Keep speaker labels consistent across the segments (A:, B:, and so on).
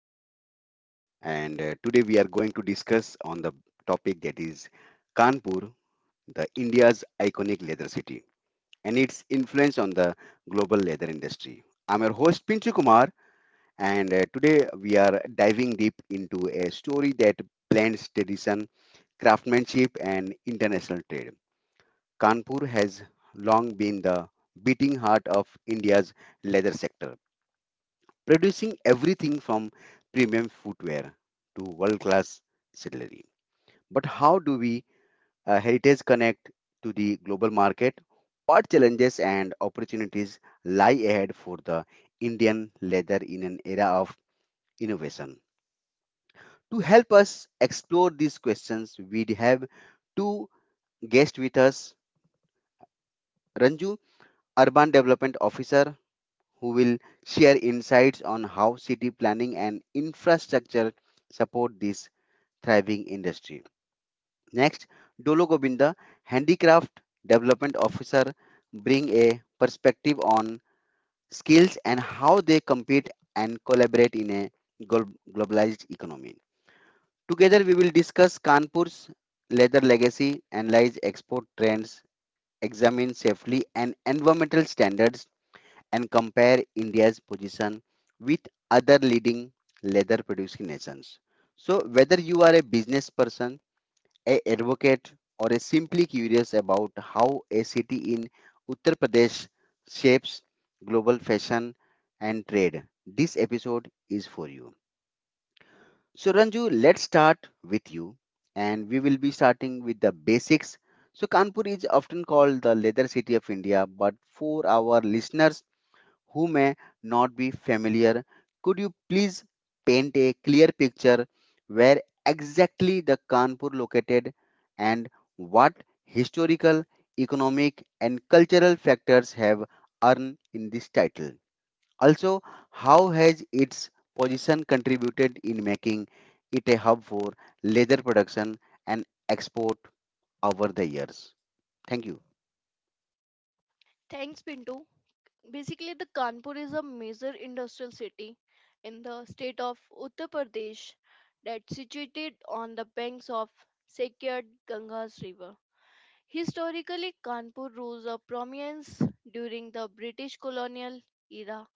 A: podcast and today we are going to discuss on the topic that is Kanpur, the India's iconic leather city and its influence on the global leather industry. I'm your host Pinchu Kumar and today we are diving deep into a story that blends tradition, craftsmanship and international trade. Kanpur has long been the beating heart of India's leather sector producing everything from premium footwear to world class cutlery. But how do we heritage connect to the global market? What challenges and opportunities lie ahead for the Indian leather in an era of innovation? To help us explore these questions, we have two guests with us Ranju, Urban Development Officer, who will share insights on how city planning and infrastructure support this thriving industry. Next, Dolo Gobinda, Handicraft Development Officer, bring a perspective on skills and how they compete and collaborate in a globalized economy. Together, we will discuss Kanpur's leather legacy, analyze export trends, examine safely and environmental standards, and compare India's position with other leading leather producing nations. So, whether you are a business person, a advocate or a simply curious about how a city in Uttar Pradesh shapes global fashion and trade, this episode is for you. So Ranju, let's start with you and we will be starting with the basics. So Kanpur is often called the leather city of India, but for our listeners who may not be familiar, could you please paint a clear picture where exactly the Kanpur located and what historical, economic and cultural factors have earned in this title? Also, how has its position contributed in making it a hub for leather production and export over the years? Thank you.
B: Thanks, Pinto. Basically, the Kanpur is a major industrial city in the state of Uttar Pradesh that's situated on the banks of sacred Ganga's river. Historically, Kanpur rose to prominence during the British colonial era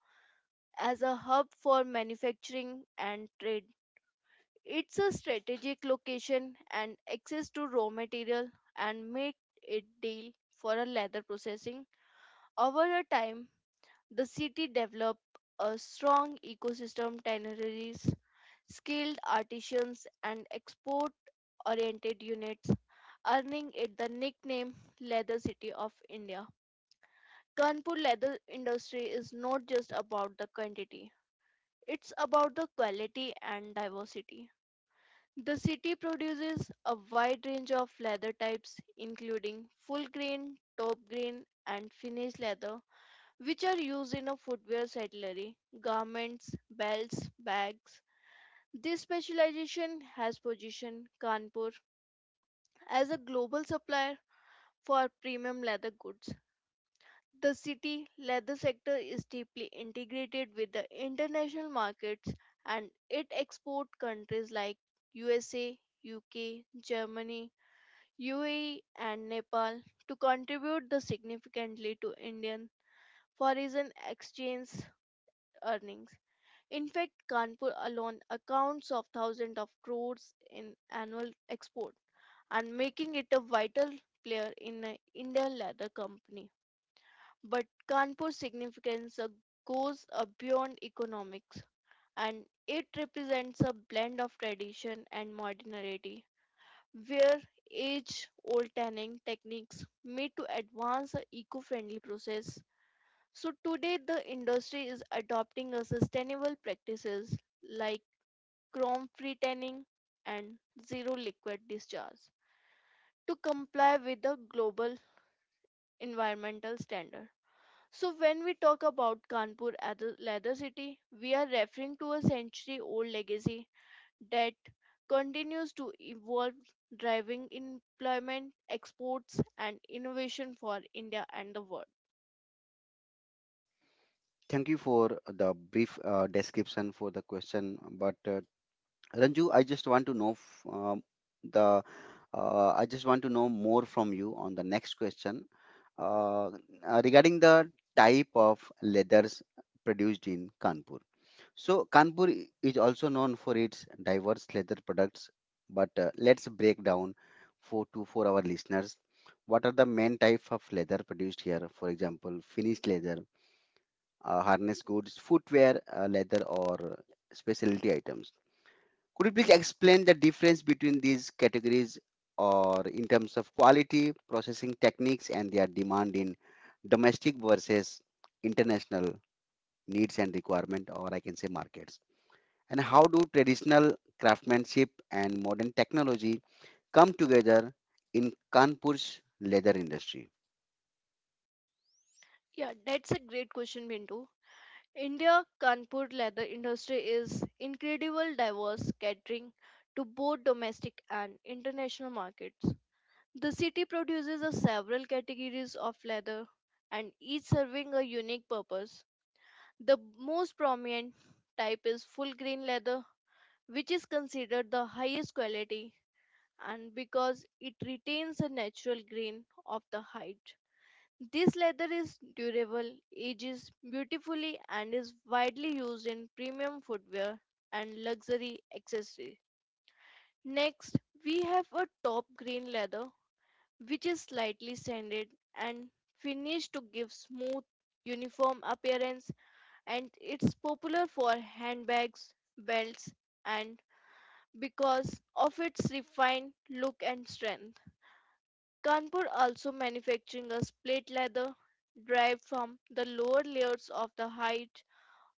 B: as a hub for manufacturing and trade. It's a strategic location and access to raw material and make it deal for a leather processing over a time. The city developed a strong ecosystem, tanneries, skilled artisans, and export oriented units, earning it the nickname Leather City of India. Kanpur leather industry is not just about the quantity, it's about the quality and diversity. The city produces a wide range of leather types, including full grain, top grain, and finished leather, which are used in a footwear saddlery, garments, belts, bags. This specialization has positioned Kanpur as a global supplier for premium leather goods. The city leather sector is deeply integrated with the international markets and it exports countries like USA, UK, Germany, UAE and Nepal to contribute the significantly to Indian foreign exchange earnings. In fact, Kanpur alone accounts of thousands of crores in annual export and making it a vital player in the Indian leather company. But Kanpur's significance goes beyond economics and it represents a blend of tradition and modernity where age-old tanning techniques meet to advance the eco-friendly process. So today the industry is adopting a sustainable practices like chrome free tanning, and zero liquid discharge to comply with the global environmental standard. So, when we talk about Kanpur as a leather city, we are referring to a century old legacy that continues to evolve, driving employment, exports, and innovation for India and the world.
A: Thank you for the brief description for the question, but Ranju, I just want to know f- the I just want to know more from you on the next question uh, regarding the type of leathers produced in Kanpur. So Kanpur is also known for its diverse leather products, but let's break down for our listeners what are the main type of leather produced here? For example, finished leather, harness goods, footwear, leather, or specialty items. Could you please explain the difference between these categories or in terms of quality, processing techniques, and their demand in domestic versus international needs and requirement, or I can say markets? And how do traditional craftsmanship and modern technology come together in Kanpur's leather industry?
B: Yeah, that's a great question, Bindu. India Kanpur leather industry is incredible diverse catering to both domestic and international markets. The city produces a several categories of leather and each serving a unique purpose. The most prominent type is full grain leather which is considered the highest quality and because it retains the natural grain of the hide. This leather is durable, ages beautifully, and is widely used in premium footwear and luxury accessories. Next, we have a top green leather, which is slightly sanded and finished to give smooth, uniform appearance, and it's popular for handbags, belts, and because of its refined look and strength. Kanpur also manufactures split leather derived from the lower layers of the hide,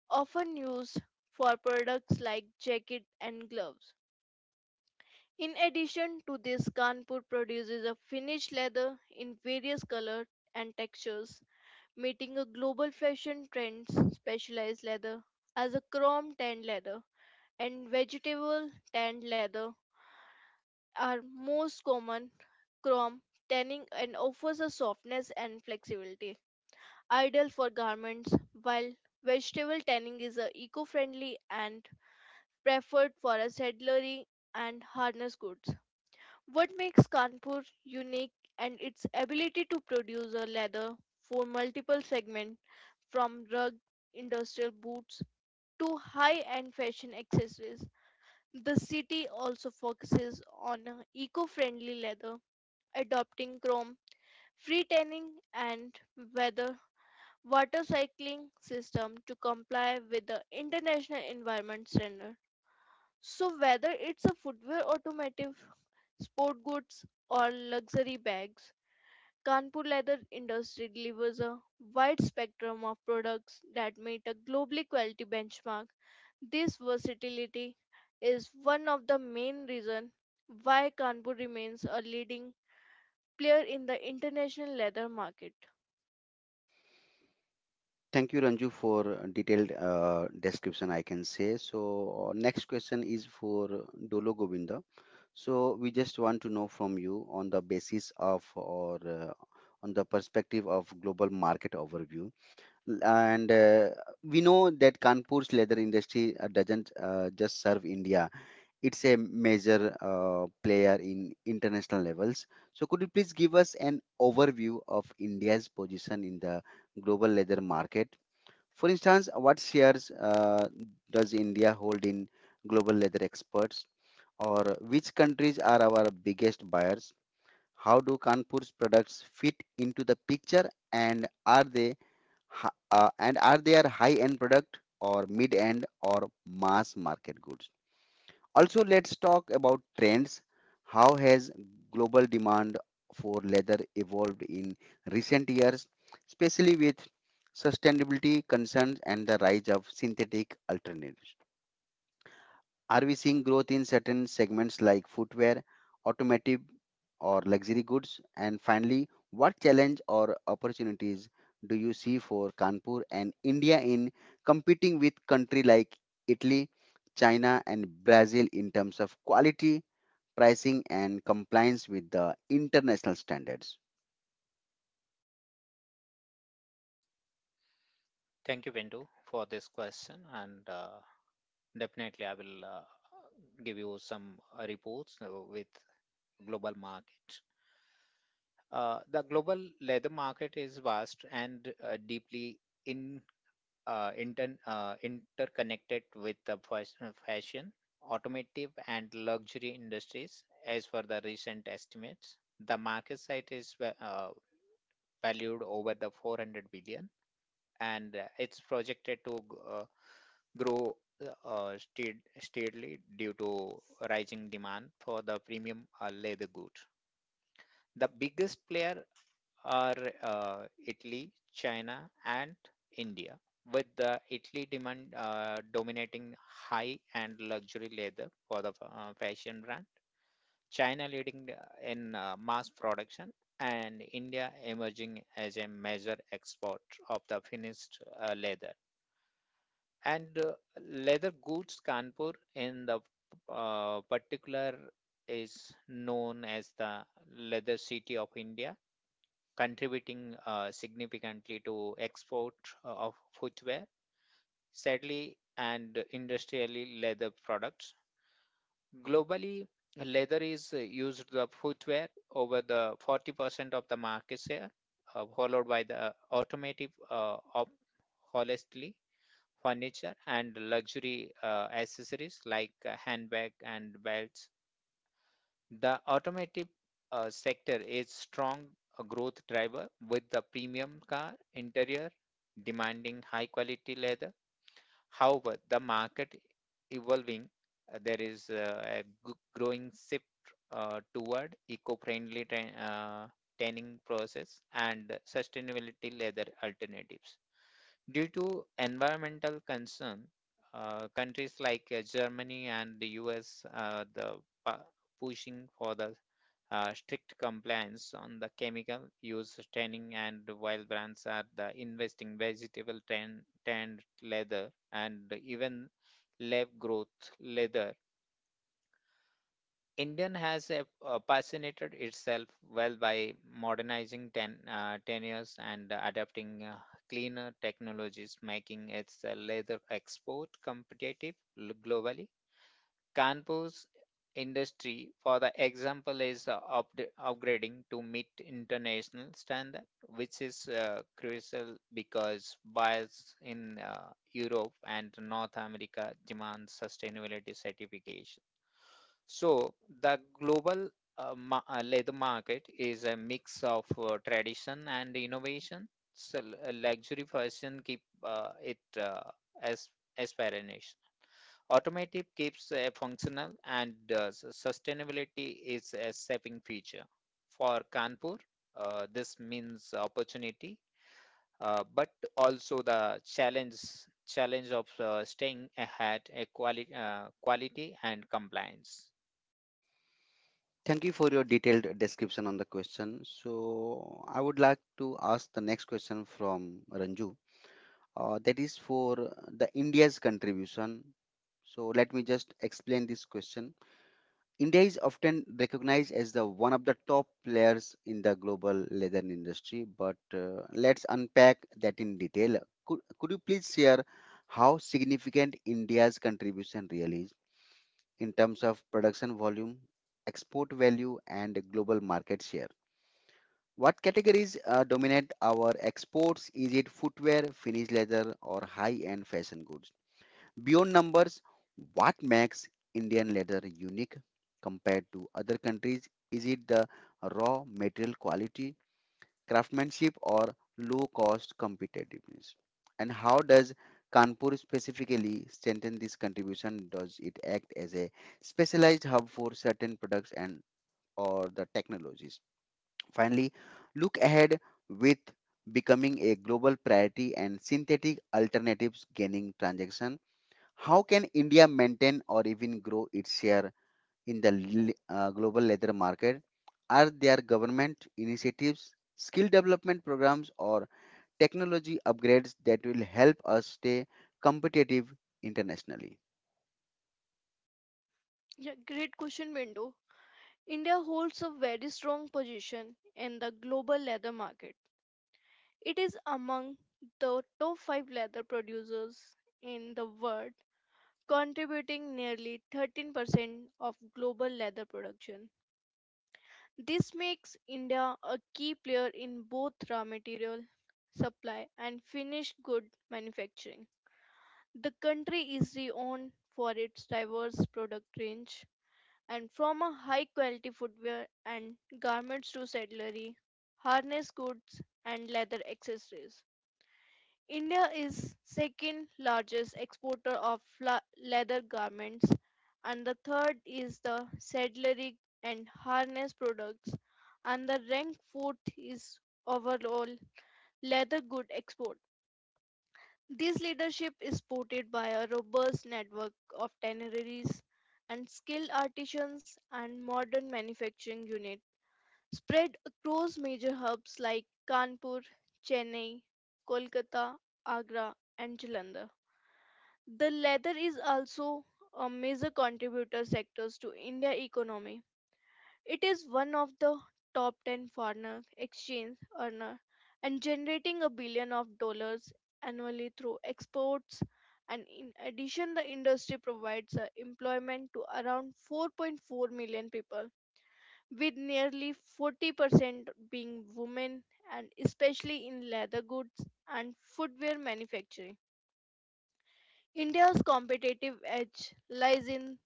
B: often used for products like jacket and gloves. In addition to this, Kanpur produces a finished leather in various colors and textures, meeting a global fashion trends. Specialized leather, as a chrome tanned leather and vegetable tanned leather, are most common. Chrome tanning and offers a softness and flexibility, ideal for garments, while vegetable tanning is eco-friendly and preferred for a saddlery and harness goods. What makes Kanpur unique and its ability to produce a leather for multiple segments from rugged industrial boots to high-end fashion accessories. The city also focuses on eco-friendly leather, adopting chrome, free tanning and weather water cycling system to comply with the international environment standard. So whether it's a footwear automotive, sport goods or luxury bags, Kanpur leather industry delivers a wide spectrum of products that meet a globally quality benchmark. This versatility is one of the main reasons why Kanpur remains a leading player in the international leather market.
A: Thank you, Ranju, for detailed description, I can say. So, next question is for Dolo Govinda. So, we just want to know from you on the basis of or on the perspective of global market overview. And we know that Kanpur's leather industry doesn't just serve India, it's a major player in international levels. So, could you please give us an overview of India's position in the global leather market? For instance, what shares does India hold in global leather exports, or which countries are our biggest buyers? How do Kanpur's products fit into the picture, and are they and are they a high-end product or mid-end or mass market goods? Also, let's talk about trends. How has global demand for leather evolved in recent years, especially with sustainability concerns and the rise of synthetic alternatives? Are we seeing growth in certain segments like footwear, automotive, or luxury goods? And finally, what challenge or opportunities do you see for Kanpur and India in competing with country like Italy, China, and Brazil in terms of quality, pricing, and compliance with the international standards?
C: Thank you, Bindu, for this question. And Definitely, I will give you some reports with global market. The global leather market is vast and deeply in interconnected with the fashion, automotive, and luxury industries. As per the recent estimates, the market size is valued over the 400 billion, and it's projected to grow steadily due to rising demand for the premium leather goods. The biggest player are uh, Italy, China, and India, with the Italy demand dominating high and luxury leather for the fashion brand, China leading in mass production, and India emerging as a major export of the finished leather. And leather goods Kanpur in the particular is known as the leather city of India, contributing significantly to export of footwear, sadly, and industrially leather products. Globally, leather is used the footwear over the 40% of the market share, followed by the automotive of honestly, furniture and luxury accessories like handbag and belts. The automotive sector is strong growth driver with the premium car interior demanding high quality leather. However, the market evolving, there is a growing shift toward eco-friendly tanning process and sustainability leather alternatives. Due to environmental concern, countries like Germany and the US are the pu- pushing for the strict compliance on the chemical use tanning, and while brands are the investing vegetable tan tanned leather and even lab growth leather. Indian has a, fascinated itself well by modernizing tenures and adapting cleaner technologies, making its leather export competitive globally. Kanpur's industry, for the example, is upgrading to meet international standard, which is crucial because buyers in Europe and North America demand sustainability certification. So the global leather market is a mix of tradition and innovation. So luxury fashion keep it as aspiration. Automotive keeps functional, and sustainability is a saving feature. For Kanpur, this means opportunity, but also the challenge of staying ahead a quality and compliance.
A: Thank you for your detailed description on the question. So, I would like to ask the next question from Ranju. That is for the India's contribution. So let me just explain this question. India is often recognized as the one of the top players in the global leather industry, but let's unpack that in detail. Could you please share how significant India's contribution really is in terms of production volume, export value and global market share. What categories dominate our exports? Is it footwear, finished leather, or high end fashion goods? Beyond numbers, what makes Indian leather unique compared to other countries? Is it the raw material quality, craftsmanship, or low cost competitiveness? And how does Kanpur specifically strengthen this contribution? Does it act as a specialized hub for certain products and or the technologies? Finally, look ahead with becoming a global priority and synthetic alternatives gaining transaction, how can India maintain or even grow its share in the global leather market? Are there government initiatives, skill development programs, or technology upgrades that will help us stay competitive internationally?
B: Yeah, great question, Bindu. India holds a very strong position in the global leather market. It is among the top 5 leather producers in the world, contributing nearly 13% of global leather production. This makes India a key player in both raw material supply and finished good manufacturing. The country is renowned for its diverse product range, and from a high quality footwear and garments to saddlery, harness goods, and leather accessories. India is second largest exporter of leather garments and the third is the saddlery and harness products and the rank fourth is overall leather good export. This leadership is supported by a robust network of tanneries and skilled artisans and modern manufacturing units spread across major hubs like Kanpur, Chennai, Kolkata, Agra, and Jalandhar. The leather is also a major contributor sectors to India economy. It is one of the top 10 foreign exchange earner and generating a billion of dollars annually through exports, and in addition the industry provides employment to around 4.4 million people, with nearly 40% being women and especially in leather goods and footwear manufacturing. India's competitive edge lies in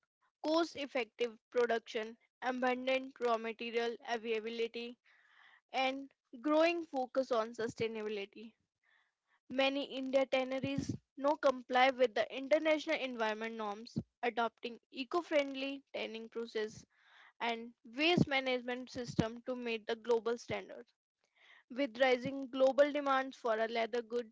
B: cost effective production, abundant raw material availability, and growing focus on sustainability. Many India tanneries now comply with the international environment norms, adopting eco-friendly tanning process and waste management system to meet the global standards. With rising global demands for a leather good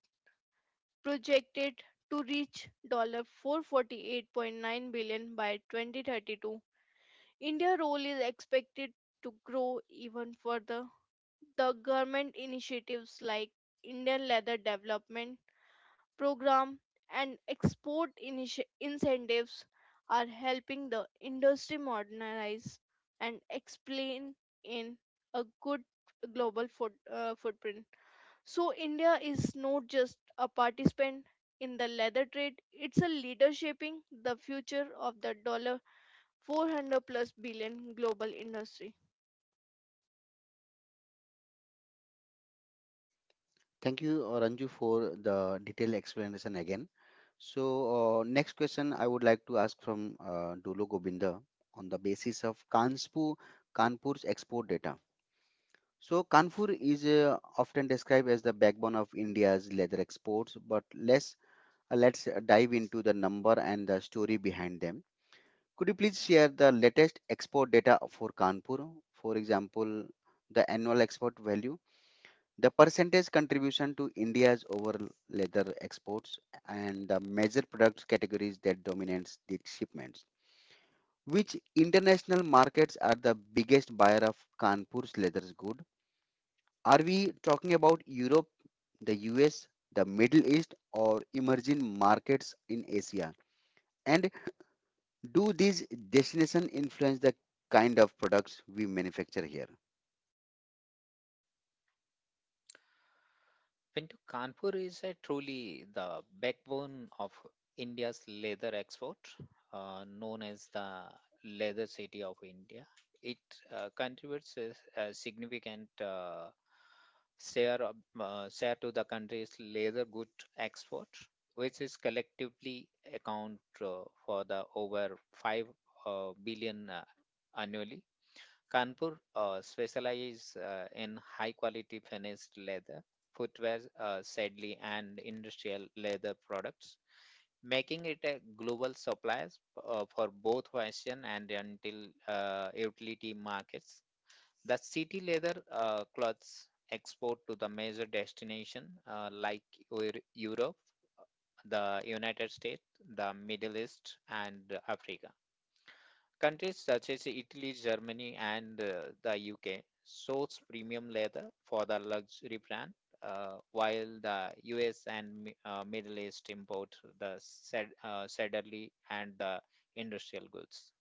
B: projected to reach $448.9 by 2032, India's role is expected to grow even further. The government initiatives like Indian Leather Development Program and export incentives are helping the industry modernize and explain in a good global footprint. So India is not just a participant in the leather trade; it's a leader shaping the future of the dollar 400 plus billion global industry.
A: Thank you, Ranju, for the detailed explanation again. So, next question I would like to ask from Dolo Gobinda on the basis of Kanpur's export data. So, Kanpur is often described as the backbone of India's leather exports, but let's dive into the number and the story behind them. Could you please share the latest export data for Kanpur? For example, the annual export value, the percentage contribution to India's overall leather exports, and the major product categories that dominates the shipments. Which international markets are the biggest buyer of Kanpur's leather goods? Are we talking about Europe, the US, the Middle East, or emerging markets in Asia? And do these destinations influence the kind of products we manufacture here?
C: When to Kanpur is a truly the backbone of India's leather export, known as the leather city of India. It contributes a significant share to the country's leather good export, which is collectively account for the over five billion annually. Kanpur specializes in high quality finished leather, footwear, saddlery, and industrial leather products, making it a global supplier for both fashion and until utility markets. The city leather clothes export to the major destination like Europe, uh, the United States, the Middle East, and Africa. Countries such as Italy, Germany, and the UK source premium leather for the luxury brand, while the US and Middle East import the sedarly and the industrial goods.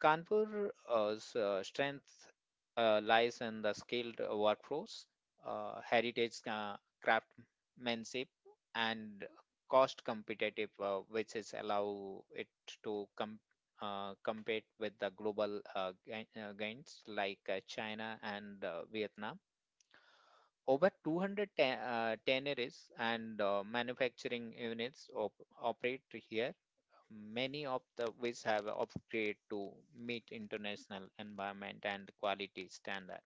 C: Kanpur's strength lies in the skilled workforce, heritage craftsmanship, and cost competitive, which is allow it to compete with the global gains like China and Vietnam. Over 200 tanneries and manufacturing units operate here. Many of the which have upgraded to meet international environment and quality standard.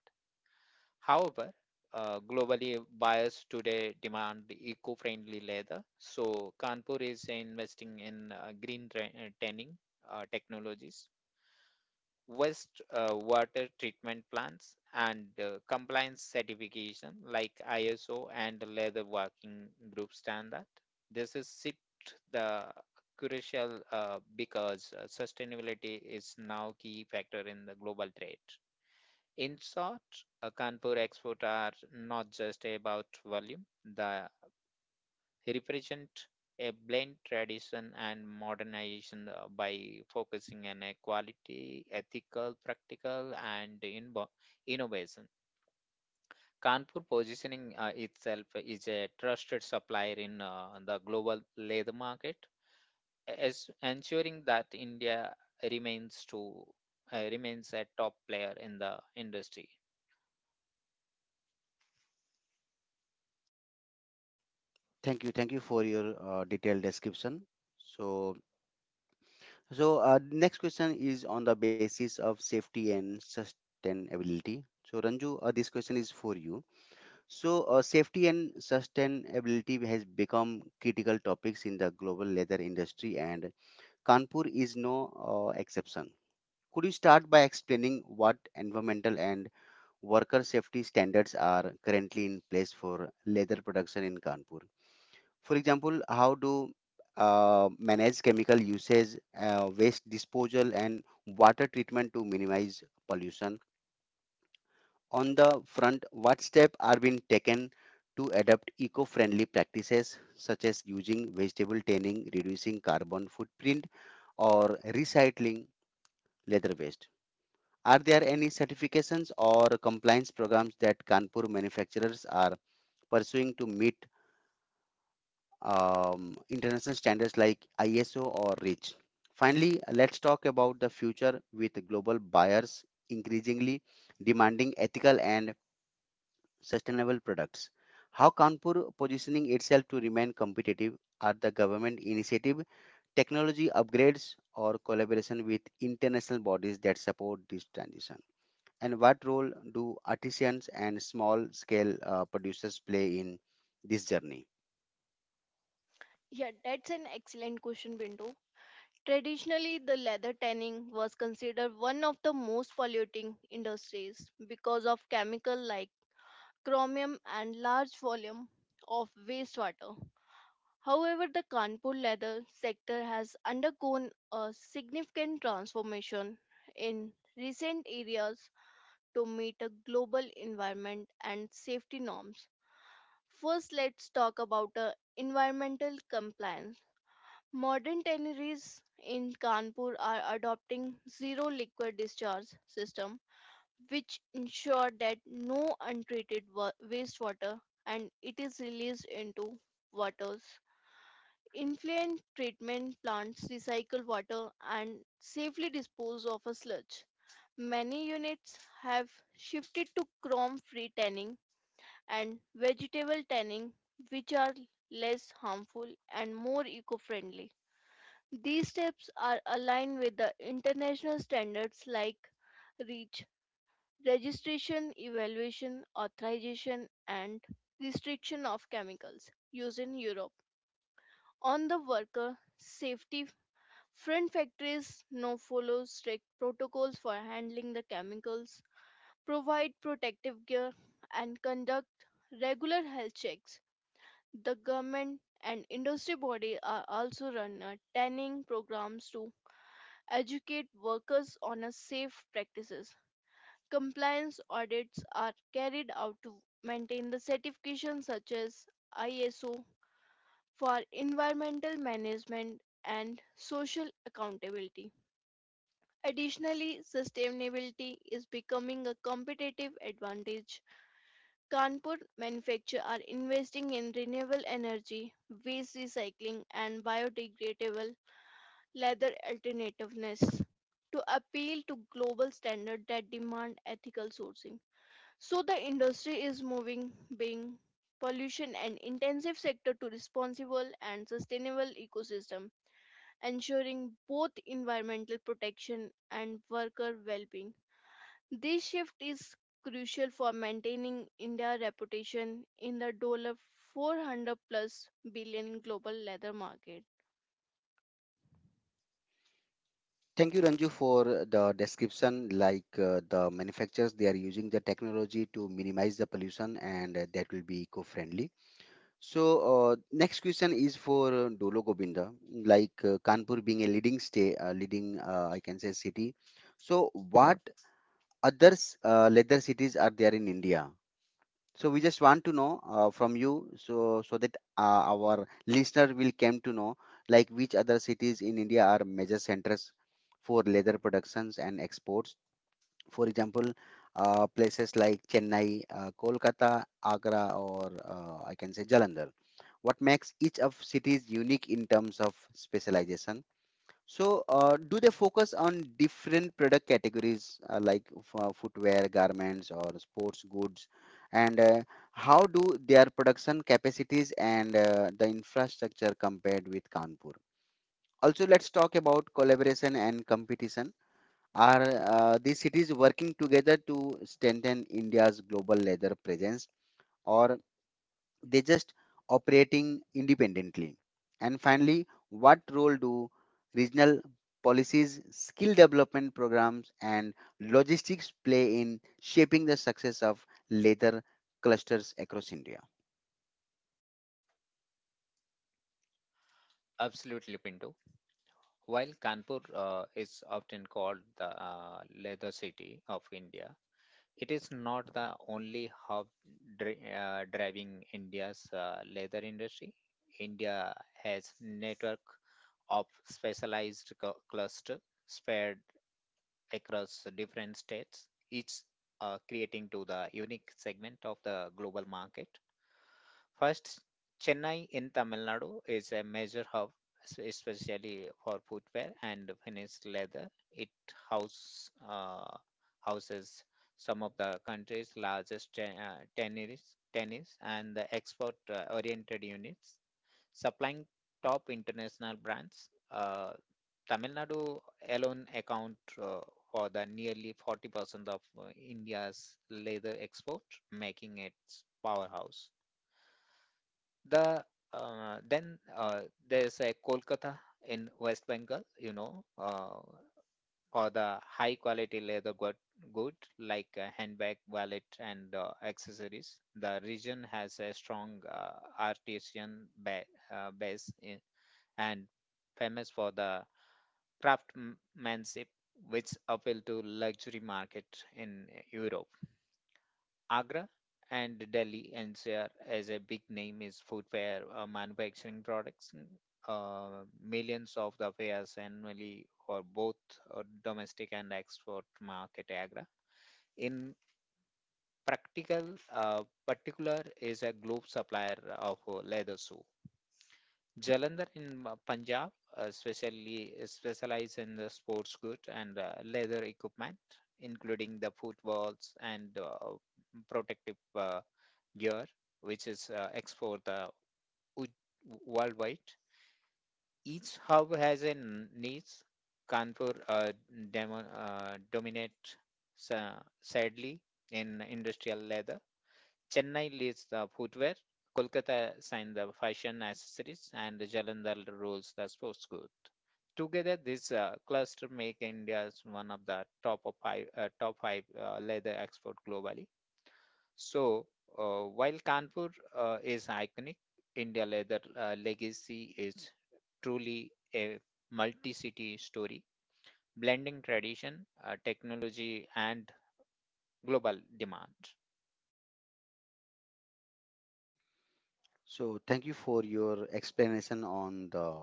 C: However, globally buyers today demand eco-friendly leather. So Kanpur is investing in tanning technologies, waste water treatment plants, and compliance certification like ISO and the leather working group standard. This is sit the crucial because sustainability is now key factor in the global trade. In short, Kanpur export are not just about volume. The represent a blend tradition and modernization by focusing on equality, ethical, practical, and innovation. Kanpur positioning itself is a trusted supplier in the global leather market, as ensuring that India remains to remains a top player in the industry.
A: Thank you. Thank you for your detailed description. So, so, next question is on the basis of safety and sustainability. So, Ranju, this question is for you. So, safety and sustainability has become critical topics in the global leather industry and Kanpur is no exception. Could you start by explaining what environmental and worker safety standards are currently in place for leather production in Kanpur? For example, how do manage chemical usage, waste disposal, and water treatment to minimize pollution? On the front, what steps are being taken to adopt eco-friendly practices such as using vegetable tanning, reducing carbon footprint, or recycling leather based. Are there any certifications or compliance programs that Kanpur manufacturers are pursuing to meet international standards like ISO or REACH? Finally, let's talk about the future with global buyers increasingly demanding ethical and sustainable products. How Kanpur positioning itself to remain competitive? Are the government initiative, technology upgrades, or collaboration with international bodies that support this transition? And what role do artisans and small scale producers play in this journey?
B: Yeah, that's an excellent question, Bindu. Traditionally, the leather tanning was considered one of the most polluting industries because of chemical like chromium and large volume of wastewater. However, the Kanpur leather sector has undergone a significant transformation in recent years to meet a global environment and safety norms. First, let's talk about environmental compliance. Modern tanneries in Kanpur are adopting zero liquid discharge system which ensure that no untreated wastewater and it is released into waters. Influent treatment plants recycle water and safely dispose of a sludge. Many units have shifted to chrome free tanning and vegetable tanning which are less harmful and more eco friendly. These steps are aligned with the international standards like REACH, registration, evaluation, authorization, and restriction of chemicals used in Europe. On the worker safety front, factories now follow strict protocols for handling the chemicals, provide protective gear, and conduct regular health checks. The government and industry body are also run training programs to educate workers on a safe practices. Compliance audits are carried out to maintain the certifications such as ISO for environmental management and social accountability. Additionally, sustainability is becoming a competitive advantage. Kanpur manufacturers are investing in renewable energy, waste recycling, and biodegradable leather alternativeness to appeal to global standards that demand ethical sourcing. So the industry is moving being pollution and intensive sector to responsible and sustainable ecosystem, ensuring both environmental protection and worker well-being. This shift is crucial for maintaining India's reputation in the dollar 400 plus billion global leather market.
A: Thank you, Ranju, for the description. Like the manufacturers, they are using the technology to minimize the pollution and that will be eco friendly. So, next question is for Dolo Govinda. Like Kanpur being a leading state, leading, I can say, city. So, what other leather cities are there in India? So we just want to know from you, so that our listener will come to know, like which other cities in India are major centers for leather productions and exports. For example, places like Chennai, Kolkata, Agra, or I can say Jalandhar. What makes each of cities unique in terms of specialization? So, do they focus on different product categories like footwear, garments, or sports goods? And how do their production capacities and the infrastructure compared with Kanpur? So, let's talk about collaboration and competition. Are these cities working together to strengthen India's global leather presence, or just operating independently? And finally, what role do regional policies, skill development programs, and logistics play in shaping the success of leather clusters across India?
C: Absolutely, Pinto. While Kanpur is often called the leather city of India, it's not the only hub driving India's leather industry. India has network of specialized cluster spread across different states, each creating to the unique segment of the global market. First, Chennai in Tamil Nadu is a major hub, especially for footwear and finished leather. It house, uh, houses some of the country's largest tanneries, tennis and the export-oriented units, supplying top international brands. Tamil Nadu alone account uh, for the nearly 40% of India's leather export, making it powerhouse. The uh, then uh, there's a Kolkata in West Bengal, you know, for the high quality leather good like a handbag, wallet, and accessories. The region has a strong artisan ba- base in, and famous for the craftsmanship, which appeal to luxury market in Europe. Agra and Delhi NCR as a big name is footwear manufacturing products. Uh, Millions of the pairs annually for both domestic and export market Agra. In practical uh, particular is a global supplier of leather shoe. Jalandhar in Punjab specially specialize in the sports goods and leather equipment, including the footballs and protective uh, year, which is export the wo- worldwide. Each hub has a niche. Kanpur dominate sa- sadly in industrial leather. Chennai leads the footwear. Kolkata signs the fashion accessories, and Jalandhar rules the sports goods. Together, this cluster make India as one of the top five leather export globally. So, while Kanpur is iconic, India Leather Legacy is truly a multi-city story, blending tradition, technology, and global demand.
A: So thank you for your explanation on the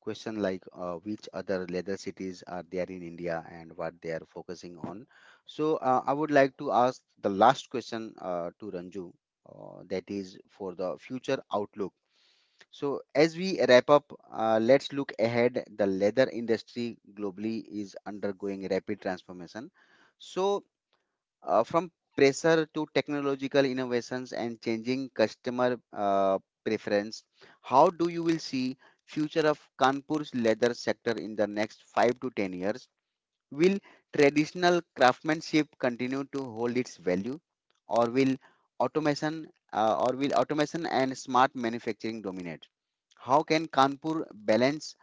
A: question like which other leather cities are there in India and what they are focusing on. So I would like to ask the last question to Ranju that is for the future outlook. So as we wrap up, let's look ahead. The leather industry globally is undergoing rapid transformation. So from pressure to technological innovations and changing customer preference, how do you will see future of Kanpur's leather sector in the next 5 to 10 years? Will traditional craftsmanship continue to hold its value, or will automation or will automation and smart manufacturing dominate? How can Kanpur balance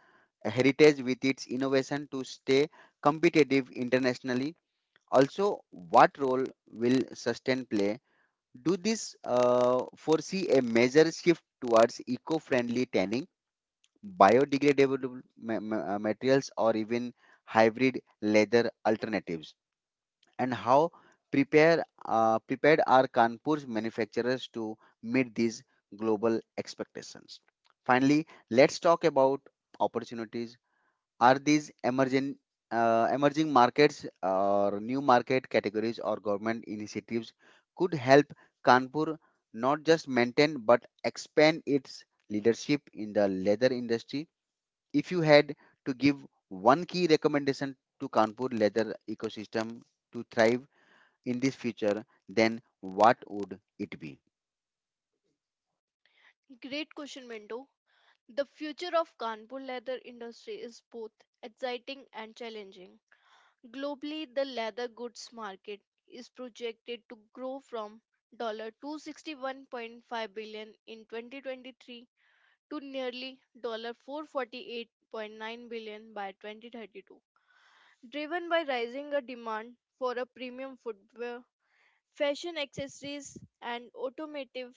A: heritage with its innovation to stay competitive internationally? Also, what role will sustain play? Do this foresee a major shift towards eco-friendly tanning, biodegradable materials, or even hybrid leather alternatives? And how prepared are Kanpur's manufacturers to meet these global expectations? Finally, let's talk about opportunities, are these emerging markets or new market categories or government initiatives could help Kanpur not just maintain but expand its leadership in the leather industry? If you had to give one key recommendation to Kanpur leather ecosystem to thrive in this future, then what would it be?
B: Great question, Mendo. The future of Kanpur leather industry is both exciting and challenging. Globally, the leather goods market is projected to grow from $261.5 billion in 2023 to nearly $448.9 billion by 2032, driven by rising a demand for a premium footwear, fashion accessories and automotive.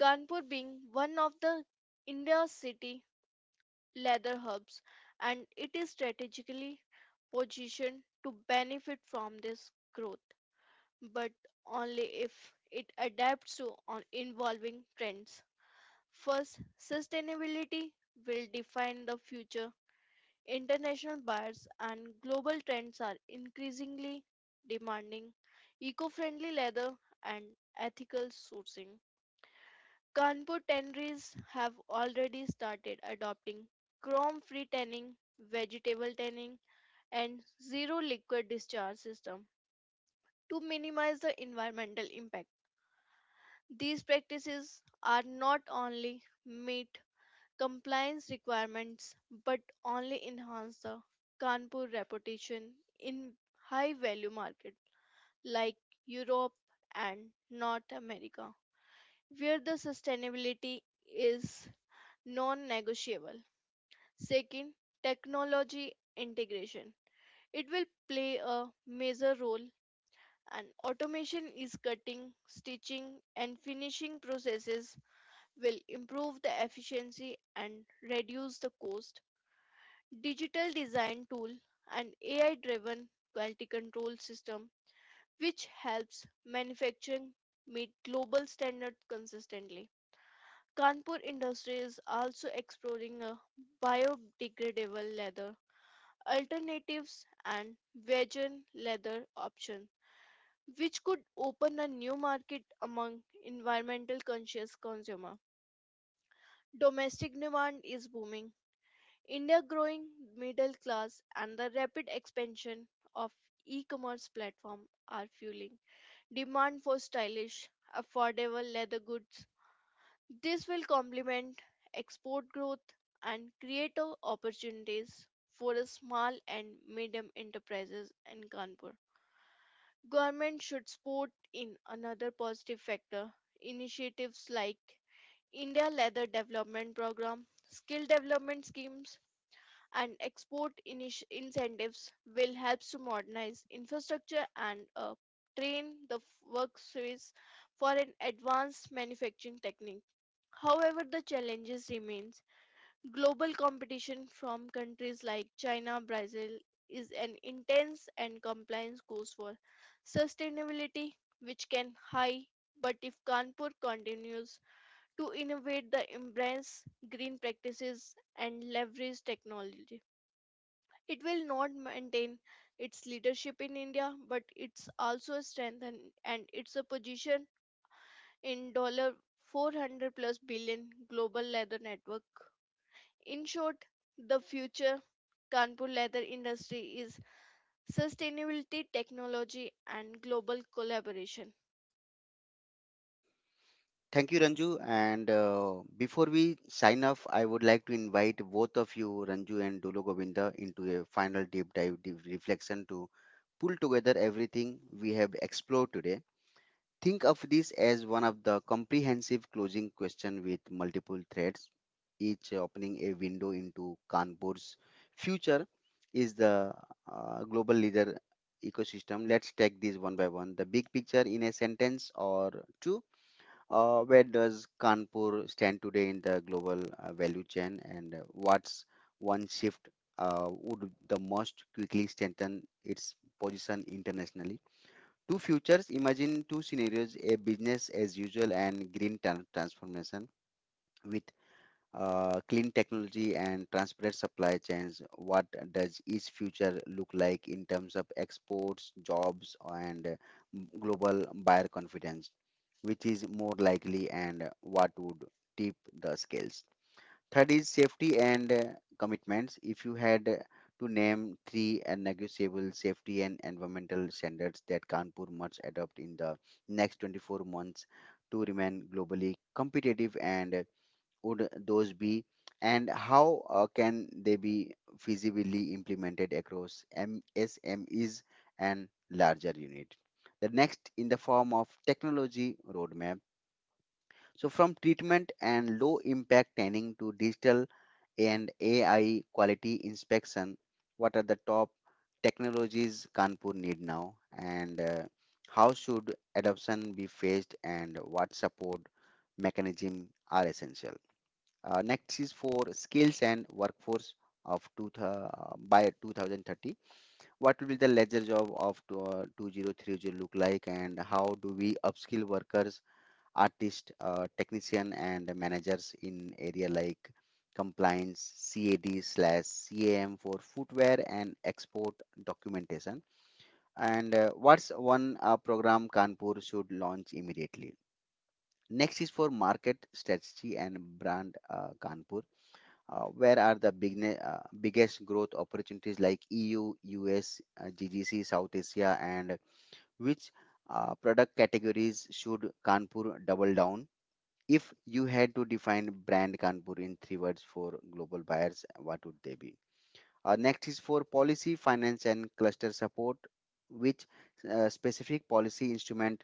B: Kanpur being one of the India's city leather hubs, and it is strategically positioned to benefit from this growth, but only if it adapts to on evolving trends. First, sustainability will define the future. International buyers and global trends are increasingly demanding eco friendly leather and ethical sourcing. Kanpur tanneries have already started adopting chrome free tanning, vegetable tanning, and zero liquid discharge system to minimize the environmental impact. These practices are not only meet compliance requirements but only enhance the Kanpur reputation in high value market like Europe and North America where the sustainability is non negotiable. Second, technology integration. It will play a major role and automation is cutting, stitching and finishing processes will improve the efficiency and reduce the cost. Digital design tool and AI driven quality control system which helps manufacturing meet global standards consistently. Kanpur industry is also exploring a biodegradable leather alternatives and vegan leather option, which could open a new market among environmental conscious consumer. Domestic demand is booming. India growing middle class and the rapid expansion of e-commerce platform are fueling demand for stylish, affordable leather goods. This will complement export growth and create opportunities for a small and medium enterprises in Kanpur. Government should support in another positive factor initiatives like India Leather Development Program, skill development schemes and export initi incentives will help to modernize infrastructure and train the workforce for an advanced manufacturing technique. However, the challenges remain. Global competition from countries like China, Brazil is an intense and compliance goes for sustainability, which can high. But if Kanpur continues to innovate the embrace green practices and leverage technology, it will not maintain its leadership in India, but it's also a strength and it's a position in dollar 400 plus billion global leather network. In short, the future Kanpur leather industry is sustainability, technology and global collaboration.
A: Thank you, Ranju. And Before we sign off, I would like to invite both of you, Ranju and Dulo Govinda, into a final deep dive deep reflection to pull together everything we have explored today. Think of this as one of the comprehensive closing question with multiple threads, each opening a window into Kanpur's future is the global leader ecosystem. Let's take this one by one. The big picture in a sentence or two, where does Kanpur stand today in the global value chain, and what's one shift would the most quickly strengthen its position internationally? Two futures, imagine two scenarios, a business as usual and transformation with clean technology and transparent supply chains. What does each future look like in terms of exports, jobs, and global buyer confidence? Which is more likely and what would tip the scales. Third is safety and commitments. If you had to name three and negotiable safety and environmental standards that Kanpur must adopt in the next 24 months to remain globally competitive, and would those be, and how can they be feasibly implemented across MSMEs and larger unit? The next in the form of technology roadmap, so from treatment and low impact tanning to digital and AI quality inspection, what are the top technologies Kanpur need now? And how should adoption be phased and what support mechanism are essential? Next is for skills and workforce of by 2030. What will the ledger job of 2030 look like, and how do we upskill workers, Artists, technician, and managers in area like compliance, CAD slash CAM for footwear and export documentation. And what's one program Kanpur should launch immediately? Next is for market strategy and brand Kanpur. Where are the biggest growth opportunities like EU, US, GCC, South Asia, and which product categories should Kanpur double down? If you had to define brand Kanpur in three words for global buyers, what would they be? Next is for policy, finance, and cluster support, which specific policy instrument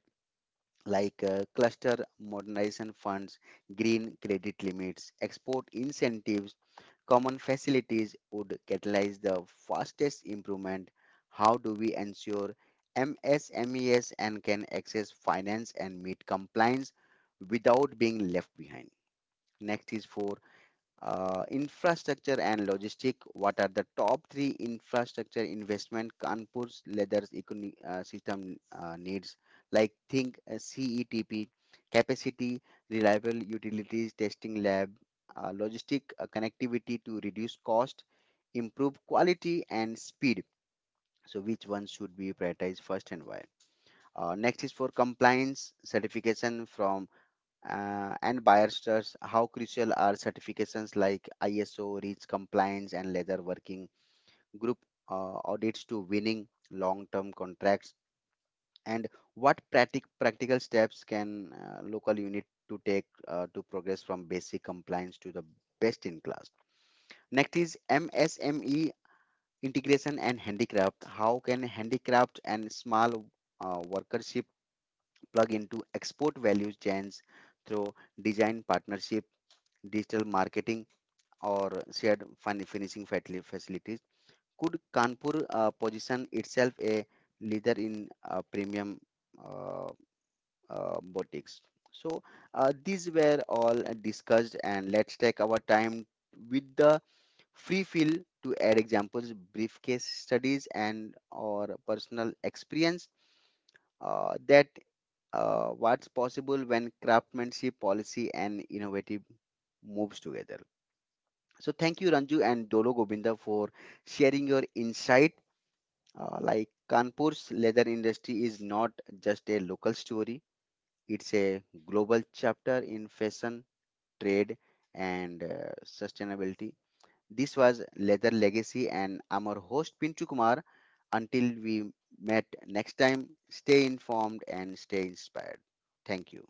A: like cluster modernization funds, green credit limits, export incentives, common facilities would catalyze the fastest improvement. How do we ensure MSMEs and can access finance and meet compliance without being left behind? Next is for infrastructure and logistic. What are the top three infrastructure investment Kanpur's leathers economy system needs? Like think CETP, capacity, reliable utilities, testing lab, logistic connectivity to reduce cost, improve quality and speed. So which one should be prioritized first and why? Next is for compliance certification from and buyers, stress, how crucial are certifications like ISO, REACH compliance, and leather working group audits to winning long term contracts? And what practical steps can local unit to take to progress from basic compliance to the best in class? Next is MSME integration and handicraft. How can handicraft and small workership plug into export value chains through design partnership, digital marketing, or shared finishing facilities. Could Kanpur position itself a leader in premium uh, boutiques? So these were all discussed, and let's take our time with the free fill to add examples, brief case studies, and or personal experience that what's possible when craftsmanship, policy, and innovative moves together. So thank you, Ranju and Dolo Gobinda, for sharing your insight. Like Kanpur's leather industry is not just a local story; it's a global chapter in fashion, trade, and sustainability. This was Leather Legacy, and I'm your host Pinchu Kumar. Until we met next time, stay informed and stay inspired. Thank you.